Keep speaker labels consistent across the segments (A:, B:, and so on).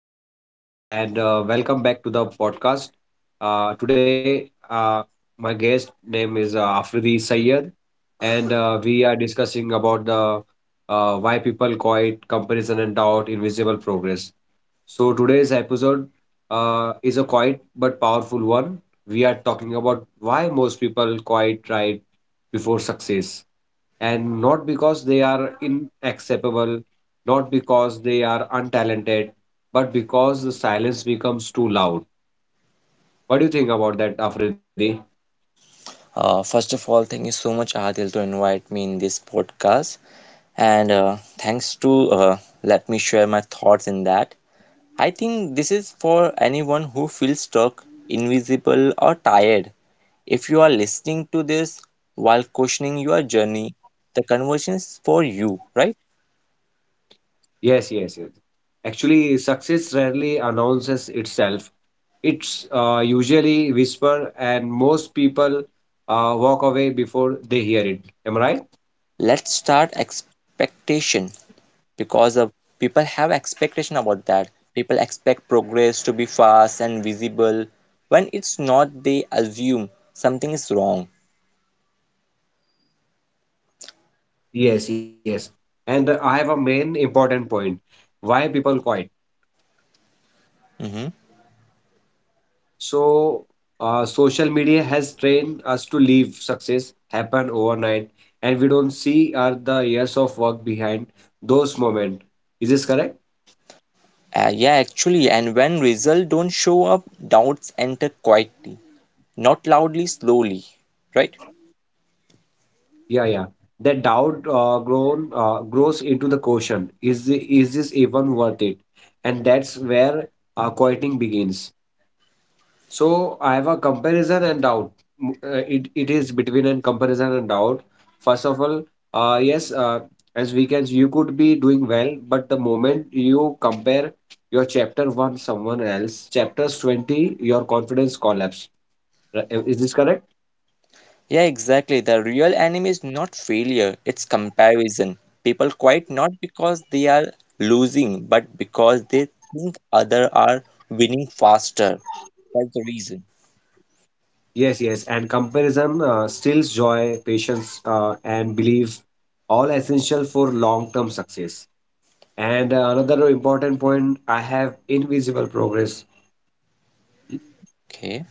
A: Khan, and welcome back to the podcast. Today, my guest name is Afridi Sayed, and we are discussing about the why people call it comparison and doubt, invisible progress. So today's episode is a quiet but powerful one. We are talking about why most people quite right before success and not because they are inacceptable, not because they are untalented, but because the silence becomes too loud. What do you think about that, Afridi?
B: First of all, thank you so much, Adil, to invite me in this podcast. And thanks to Let me share my thoughts in that. I think this is for anyone who feels stuck, invisible, or tired. If you are listening to this while questioning your journey, the conversation is for you, right?
A: Yes, yes, yes. Actually, success rarely announces itself. It's usually whisper, and most people walk away before they hear it. Am I right?
B: Let's start expectation. Because of people have expectation about that, people expect progress to be fast and visible. When it's not, they assume something is wrong.
A: Yes, yes. And I have a main important point. Why people quiet?
B: Mhm.
A: So, social media has trained us to leave success happen overnight, and we don't see are the years of work behind those moments. Is this correct?
B: Yeah, actually. And when results don't show up, doubts enter quietly, not loudly, slowly, right?
A: Yeah, yeah. That doubt grown grows into the question: Is this even worth it? And that's where quieting begins. So I have a comparison and doubt. It is between a comparison and doubt. First of all, yes, as weekends you could be doing well, but the moment you compare your chapter one someone else, chapters 20, your confidence collapse. Is this correct?
B: Yeah, exactly. The real enemy is not failure, it's comparison. People quit not because they are losing, but because they think other are winning faster. That's the reason.
A: Yes, yes. And comparison steals joy, patience, and belief, all essential for long term success. And another important point, I have invisible progress.
B: Okay.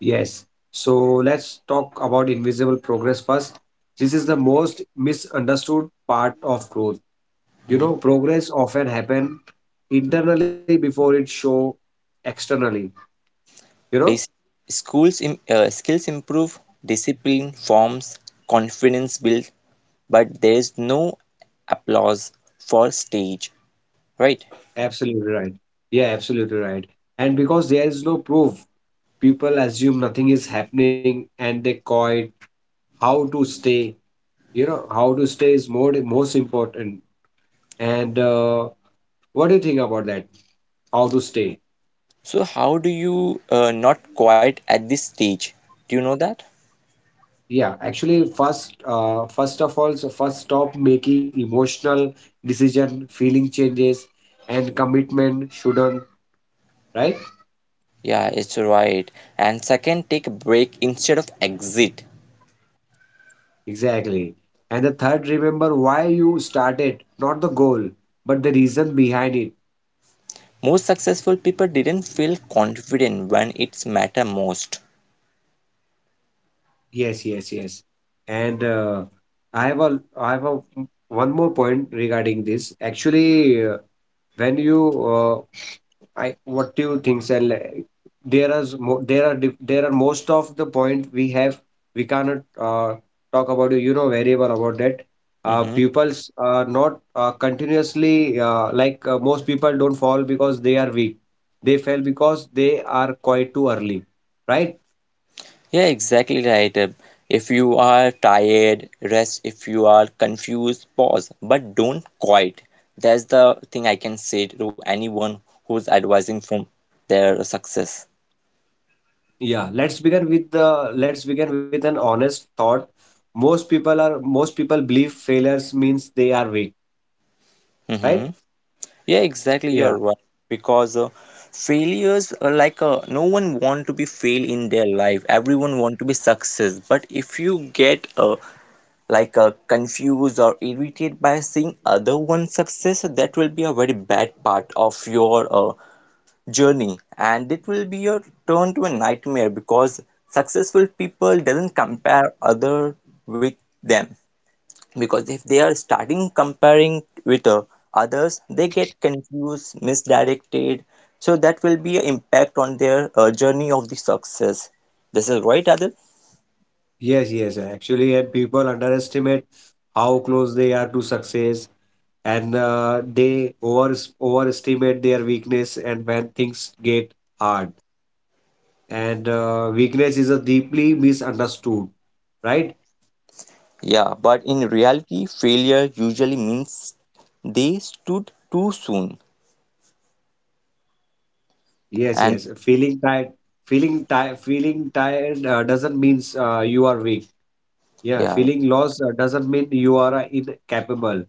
A: Yes. So let's talk about invisible progress first. This is the most misunderstood part of growth. You
B: Mhm.
A: know, progress often happen internally before it show externally. You know,
B: Basic Skills improve, discipline forms, confidence build, but there's no applause for stage, right?
A: Absolutely right. Yeah, absolutely right. And because there is no proof, people assume nothing is happening and they coit how to stay. You know, how to stay is more most important. And what do you think about that? How to stay?
B: So how do you not quiet at this stage? Do you know that?
A: Yeah, actually, first of all, so first stop making emotional decision, feeling changes, and commitment shouldn't, right?
B: Yeah, it's right. And second, take a break instead of exit.
A: Exactly. And the third, remember why you started, not the goal, but the reason behind it.
B: Most successful people didn't feel confident when it's matter most.
A: Yes, yes, yes. And I have a one more point regarding this. Actually, when you I what do you think, sir? Like, There are most of the point we have. We cannot uh, talk about variable about that.
B: Mhm.
A: Pupils are not continuously like most people don't fall because they are weak. They fail because they are quite too early, right?
B: Yeah, exactly right. If you are tired, rest. If you are confused, pause. But don't quit. That's the thing I can say to anyone who's advising from their success.
A: Yeah. Let's begin with an honest thought. Most people believe failures means they are weak, right?
B: Mm-hmm. Yeah, exactly. You're
A: Yeah.
B: right. Because failures are like, no one want to be fail in their life. Everyone want to be success. But if you get confused or irritated by seeing other one success, that will be a very bad part of your journey, and it will be your turn to a nightmare. Because successful people doesn't compare other with them, because if they are starting comparing with others, they get confused, misdirected. So that will be an impact on their journey of the success. This is right, Adil.
A: Yes, yes, actually, and people underestimate how close they are to success, and they overestimate their weakness. And when things get hard, and weakness is a deeply misunderstood, right?
B: Yeah, but in reality failure usually means they stood too soon.
A: Yes,
B: And
A: yes. Feeling tired doesn't mean you are weak. Yeah,
B: yeah.
A: feeling lost doesn't mean you are incapable.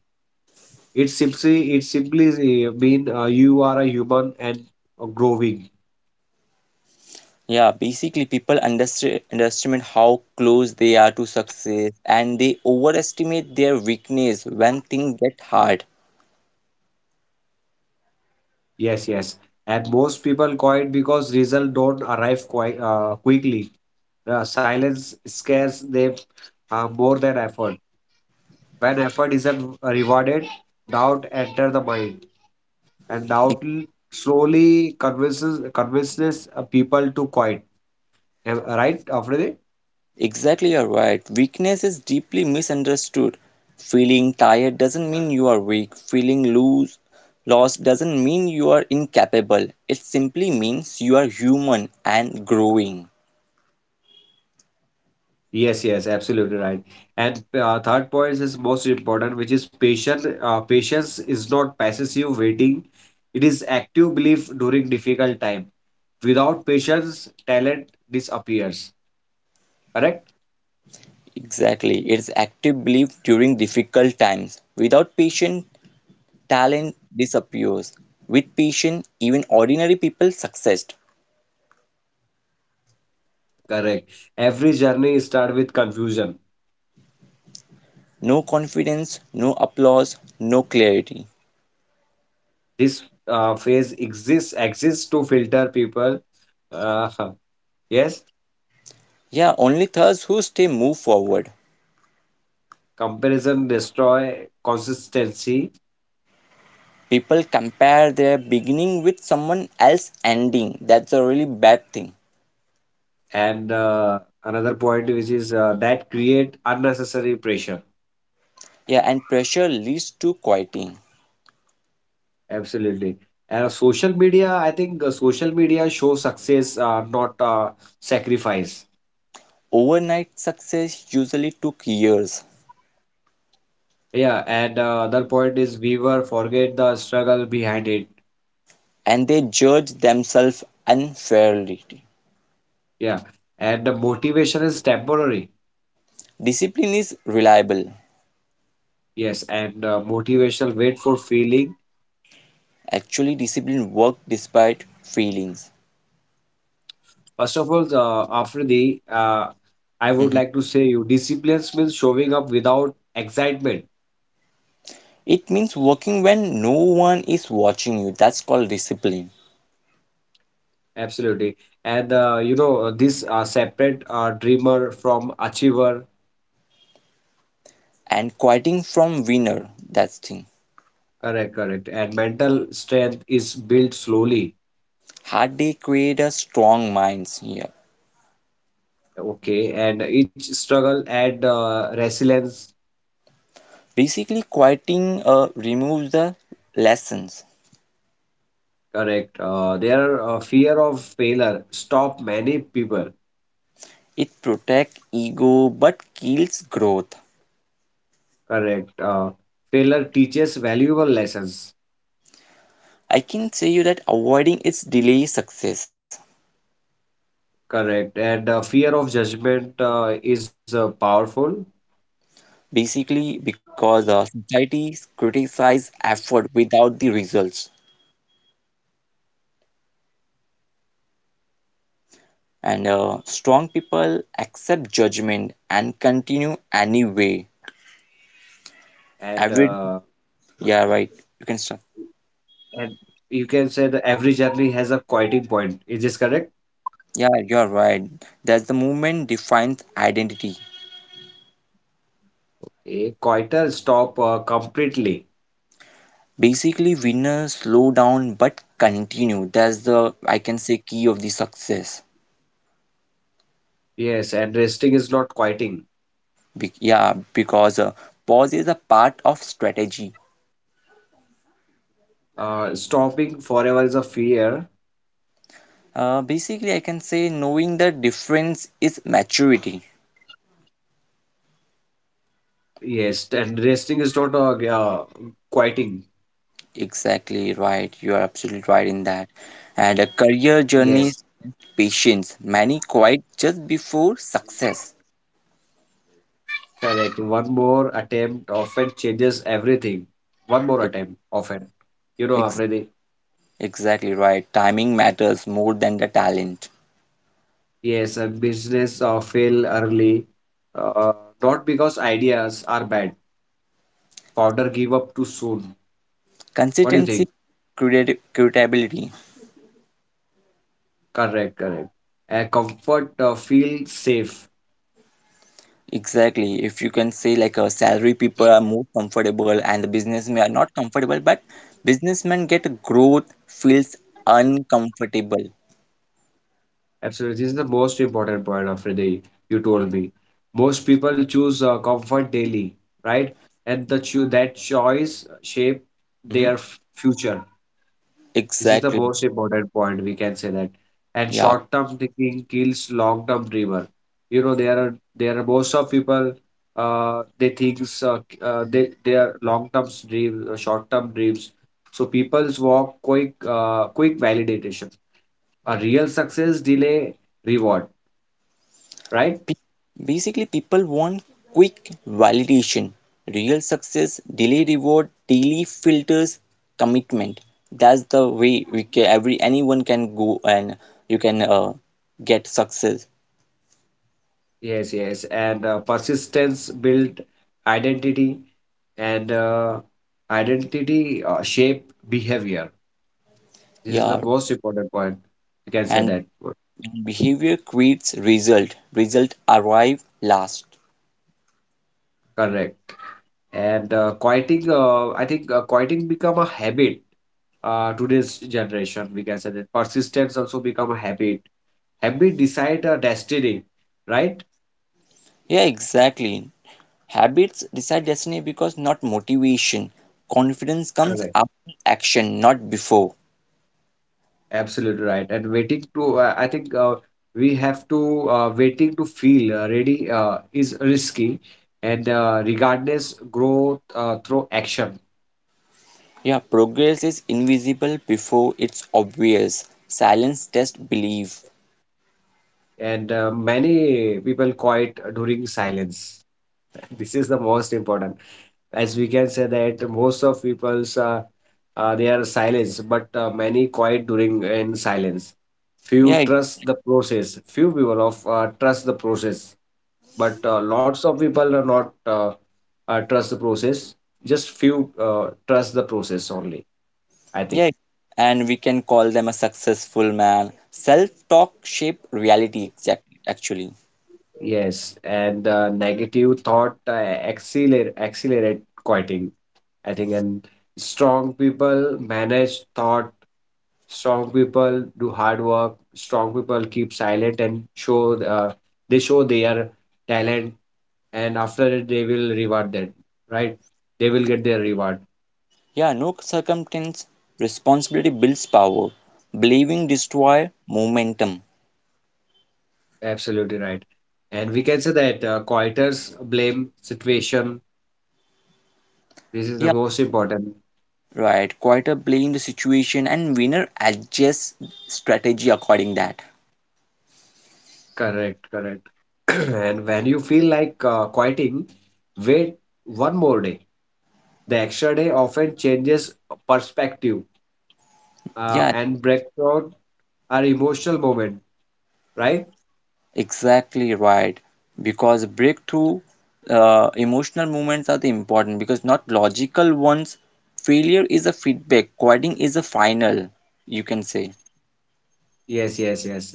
A: It simply mean you are a human and growing.
B: Yeah, basically people underestimate how close they are to success, and they overestimate their weakness when things get hard.
A: Yes, yes. And most people quit because results don't arrive quite quickly. Silence scares them more than effort. When effort isn't rewarded, doubt enters the mind, and
B: E-
A: slowly convinces people to quit. Right, Afridi?
B: Exactly, you're right. Weakness is deeply misunderstood. Feeling tired doesn't mean you are weak. Feeling loose, lost doesn't mean you are incapable. It simply means you are human and growing.
A: Yes, yes, absolutely right. And third point is most important, which is patient. Patience is not passive waiting; it is active belief during difficult time. Without patience, talent disappears. Correct?
B: Exactly. It's active belief during difficult times. Without patience, talent disappears. With patience, even ordinary people success.
A: Correct. Every journey start with confusion.
B: No confidence, no applause, no clarity.
A: This phase exists to filter people. Uh, yes.
B: Yeah, only those who stay move forward.
A: Comparison destroy consistency.
B: People compare their beginning with someone else's ending. That's a really bad thing.
A: And another point, which is that create unnecessary pressure.
B: Yeah, and pressure leads to quitting.
A: Absolutely. And social media, I think social media shows success, not sacrifice.
B: Overnight success usually took years,
A: Yeah. And other point is we were forget the struggle behind it.
B: and they judge themselves unfairly.
A: Yeah. And the motivation is temporary.
B: Discipline is reliable.
A: Yes. And motivational wait for feeling.
B: Actually, discipline works despite feelings.
A: First of all, after the I would
B: Mhm.
A: like to say you disciplines means showing up without excitement.
B: It means working when no one is watching you. That's called discipline.
A: Absolutely. And this separate dreamer from achiever,
B: And quieting from winner. That's thing.
A: correct, correct. And mental strength is built slowly,
B: Hard day create a strong minds here.
A: okay. And each struggle add resilience,
B: Basically, quieting removes the lessons.
A: correct. Their fear of failure stop many people,
B: It protects ego but kills growth.
A: correct. Failure teaches valuable lessons,
B: I can say you that avoiding its delay success.
A: correct. And fear of judgment is powerful.
B: Basically, because societies criticize effort without the results. And strong people accept judgment and continue anyway.
A: And uh,
B: Every, yeah, right, you can start.
A: and you can say that every journey has a quieting point. Is this correct?
B: Yeah, you're right. That's the movement defines identity.
A: A coital stop completely.
B: Basically, winners slow down but continue. That's the, I can say, key of the success.
A: Yes, and resting is not quieting.
B: Yeah, because pause is a part of strategy.
A: Stopping forever is a fear.
B: Basically, I can say knowing the difference is maturity.
A: Yes, and resting is not quieting.
B: Exactly right. You are absolutely right in that. And a career journey
A: Yes,
B: is patience. Many quit just before success.
A: correct. One more attempt often changes everything. One more
B: It,
A: attempt often. You know,
B: ex-
A: Afridi.
B: exactly right. Timing matters more than the talent.
A: Yes, and business fail early. Uh, not because ideas are bad. Founder give up too soon. What do you
B: Consistency,
A: think?
B: credit, credibility.
A: Correct, correct. Comfort feel safe.
B: Exactly. If you can say, like a salary people are more comfortable and the businessmen are not comfortable, but businessmen get growth feels uncomfortable.
A: Absolutely, this is the most important point of the day you told me. Most people choose comfort daily, right? And that choice shape
B: Hmm.
A: their future. This is the
B: Exactly.
A: most important point we can say that. And
B: Yeah,
A: short-term thinking kills long-term dreamer. There are most of people they thinks they their long-term dreams, short-term dreams. So people's walk quick validation. A real success delay reward, right?
B: Pe- Basically, people want quick validation, real success, delay reward, daily filters, commitment. That's the way we can, every anyone can go and you can get success.
A: Yes, yes. And persistence build identity and identity shape behavior. This is the
B: Yeah,
A: most important point. You can say
B: and
A: that.
B: behavior creates result. Result arrive last.
A: Correct. And quieting, I think quieting become a habit. Today's generation, we can say that persistence also become a habit. Habit decide a destiny, right?
B: Yeah, exactly. Habits decide destiny because not motivation. Confidence comes
A: Correct.
B: after action, not before.
A: Absolutely right. And I think we have to waiting to feel ready is risky, and regardless growth through action.
B: Yeah, progress is invisible before it's obvious. Silence test belief.
A: And many people quiet during silence. This is the most important. As we can say that most of people's they are silence, but many quiet during in silence. Few
B: Yeah,
A: trust the process. Few people of trust the process, but lots of people are not trust the process. Just few trust the process only, I think.
B: yeah. And we can call them a successful man. Self-talk shape reality exact actually.
A: Yes. And negative thought accelerate quieting, I think. And strong people manage thought. Strong people do hard work. Strong people keep silent and show, uh, they show their talent. And after it, they will reward that, right? They will get their reward.
B: Yeah, no circumstance, responsibility builds power. Believing destroy momentum.
A: Absolutely right. And we can say that quitters blame situation. This is the
B: Yeah,
A: most important.
B: right. Quite a blame the situation, and winner adjusts strategy according that.
A: Correct, correct. And when you feel like quieting, wait one more day. The extra day often changes perspective
B: Yeah,
A: and breakthrough our emotional moment, right?
B: exactly right. Because breakthrough, emotional movements are the important because not logical ones. Failure is a feedback. Quitting is a final, you can say.
A: Yes, yes, yes.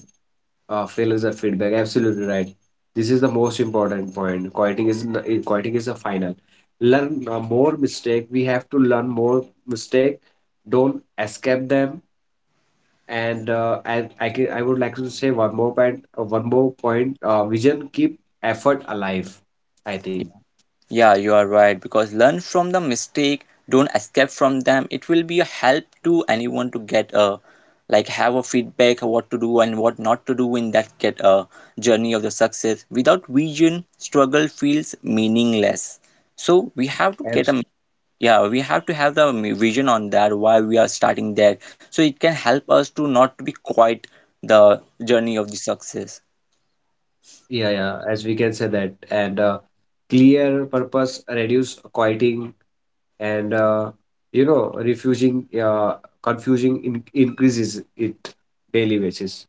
A: Failures are feedback. Absolutely right. This is the most important point. Quieting is a final. Learn more mistake. We have to learn more mistake. Don't escape them. And I would like to say one more point. One more point. Vision keep effort alive, I think.
B: Yeah, you are right, because learn from the mistake, don't escape from them. It will be a help to anyone to get a, like, have a feedback of what to do and what not to do in that, get a journey of the success. Without vision, struggle feels meaningless. So we have to get
A: Abs-
B: a, yeah, we have to have the vision on that why we are starting that, so it can help us to not to be quite the journey of the success.
A: yeah, yeah. As we can say that and. Clear purpose reduce quieting and refusing confusing increases it daily basis.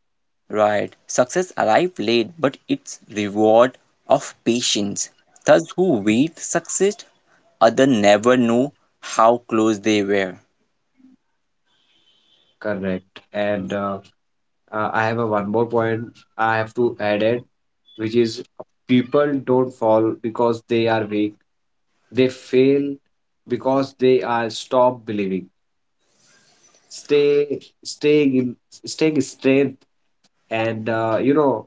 B: Right. Success arrived late, but its reward of patience. Thus, who wait success, other never know how close they were.
A: Correct. And I have a one more point I have to add it, which is people don't fall because they are weak. They fail because they are stop believing, stay, staying strength. And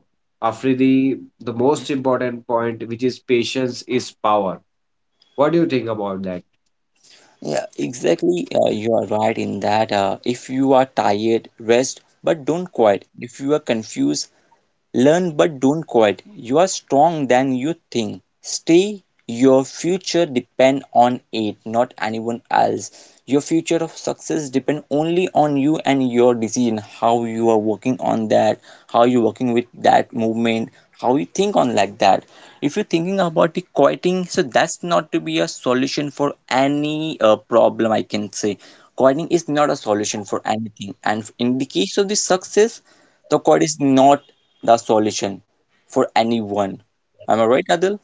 A: after the most important point, which is patience is power. What do you think about that?
B: Yeah, exactly. You are right in that. If you are tired, rest, but don't quit. If you are confused, learn but don't quit. You are stronger than you think. Stay. Your future depends on it, not anyone else. Your future of success depends only on you and your decision. How you are working on that, how you working with that movement, how you think on like that. If you're thinking about the quitting, so that's not to be a solution for any problem. I can say quitting is not a solution for anything. And in the case of the success, the quit is not the solution for anyone. Am I right, Adil?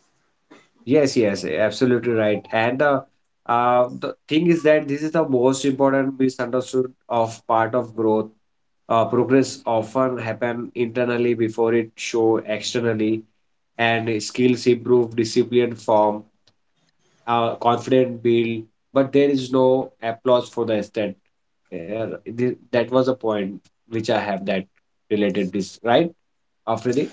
A: Yes, yes, absolutely right. And the thing is that this is the most important misunderstood of part of growth. Progress often happen internally before it show externally, and skills improve, discipline form, confident build. But there is no applause for the extent. That was a point which I have that related this, right, after the,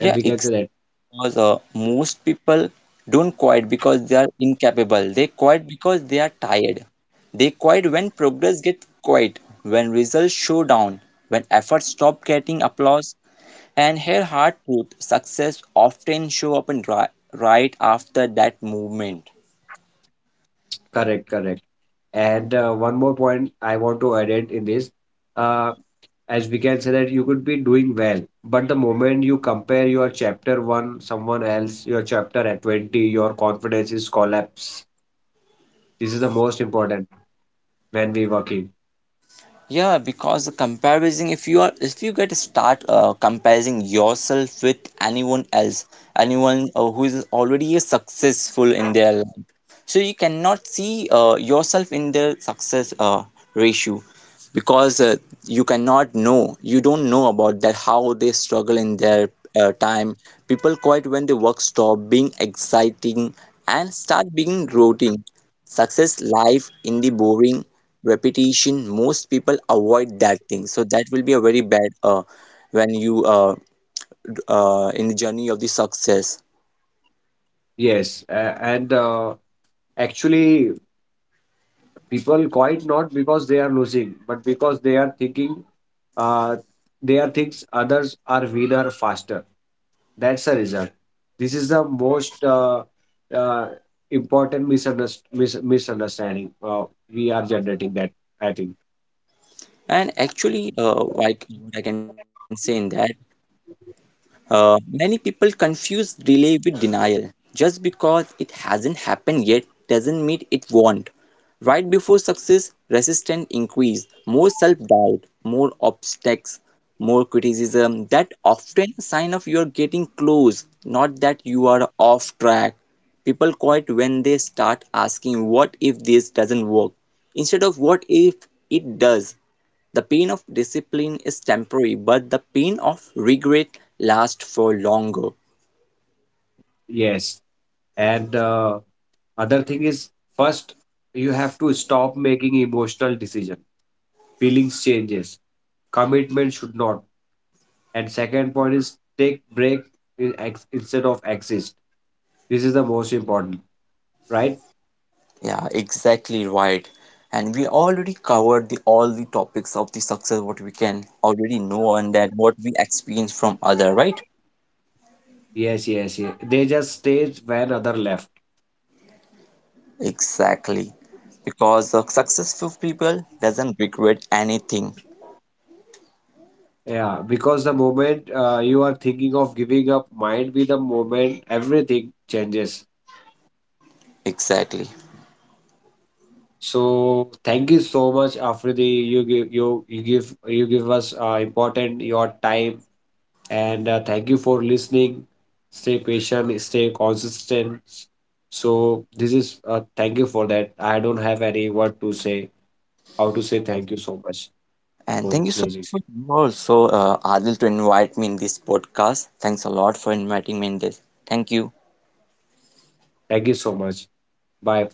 A: and we can say
B: exactly.
A: that.
B: Because most people don't quit because they are incapable. They quit because they are tired. They quit when progress gets quiet, when results show down, when efforts stop getting applause. And here, hard truth, success often show up and right after that movement.
A: Correct, correct. And one more point I want to add it in this, uh, as we can say that you could be doing well, but the moment you compare your chapter one, someone else, your chapter at 20, your confidence is collapse. This is the most important when we working.
B: Yeah, because the comparison, if you are, if you get start comparing yourself with anyone else, anyone who is already a successful in their life, so you cannot see yourself in the success ratio. Because you cannot know, you don't know about that, how they struggle in their time. People quit when the work stop being exciting and start being routine. Success life in the boring repetition most people avoid that thing, so that will be a very bad when you in the journey of the success.
A: Yes, and actually people quite not because they are losing, but because they are thinking uh, they are thinks others are winner faster. That's the result. This is the most uh, important misunderstanding we are generating. That I think.
B: And actually, what I can say in that, many people confuse delay with denial. Just because it hasn't happened yet doesn't mean it won't. Right before success, resistance increase, more self-doubt, more obstacles, more criticism. That often a sign of you're getting close, not that you are off track. People quit when they start asking what if this doesn't work instead of what if it does. The pain of discipline is temporary, but the pain of regret lasts for longer.
A: Yes. And other thing is first you have to stop making emotional decision. Feelings changes. Commitment should not. And second point is take break instead of exist. This is the most important, right?
B: Yeah, exactly right. And we already covered the all the topics of the success, what we can already know and that what we experience from other, right?
A: Yes, yes, yes. They just stayed when other left.
B: Exactly. Because the successful people doesn't regret anything.
A: Yeah, because the moment you are thinking of giving up might be the moment everything changes.
B: Exactly.
A: So thank you so much, Afridi. You give us important your time and thank you for listening. Stay patient, stay consistent. So this is thank you for that. I don't have any word to say. How to say thank you so much
B: And
A: for
B: thank you so
A: closing.
B: much for you also, Adil, to invite me in this podcast. Thanks a lot for inviting me in this. Thank you.
A: Thank you so much. Bye.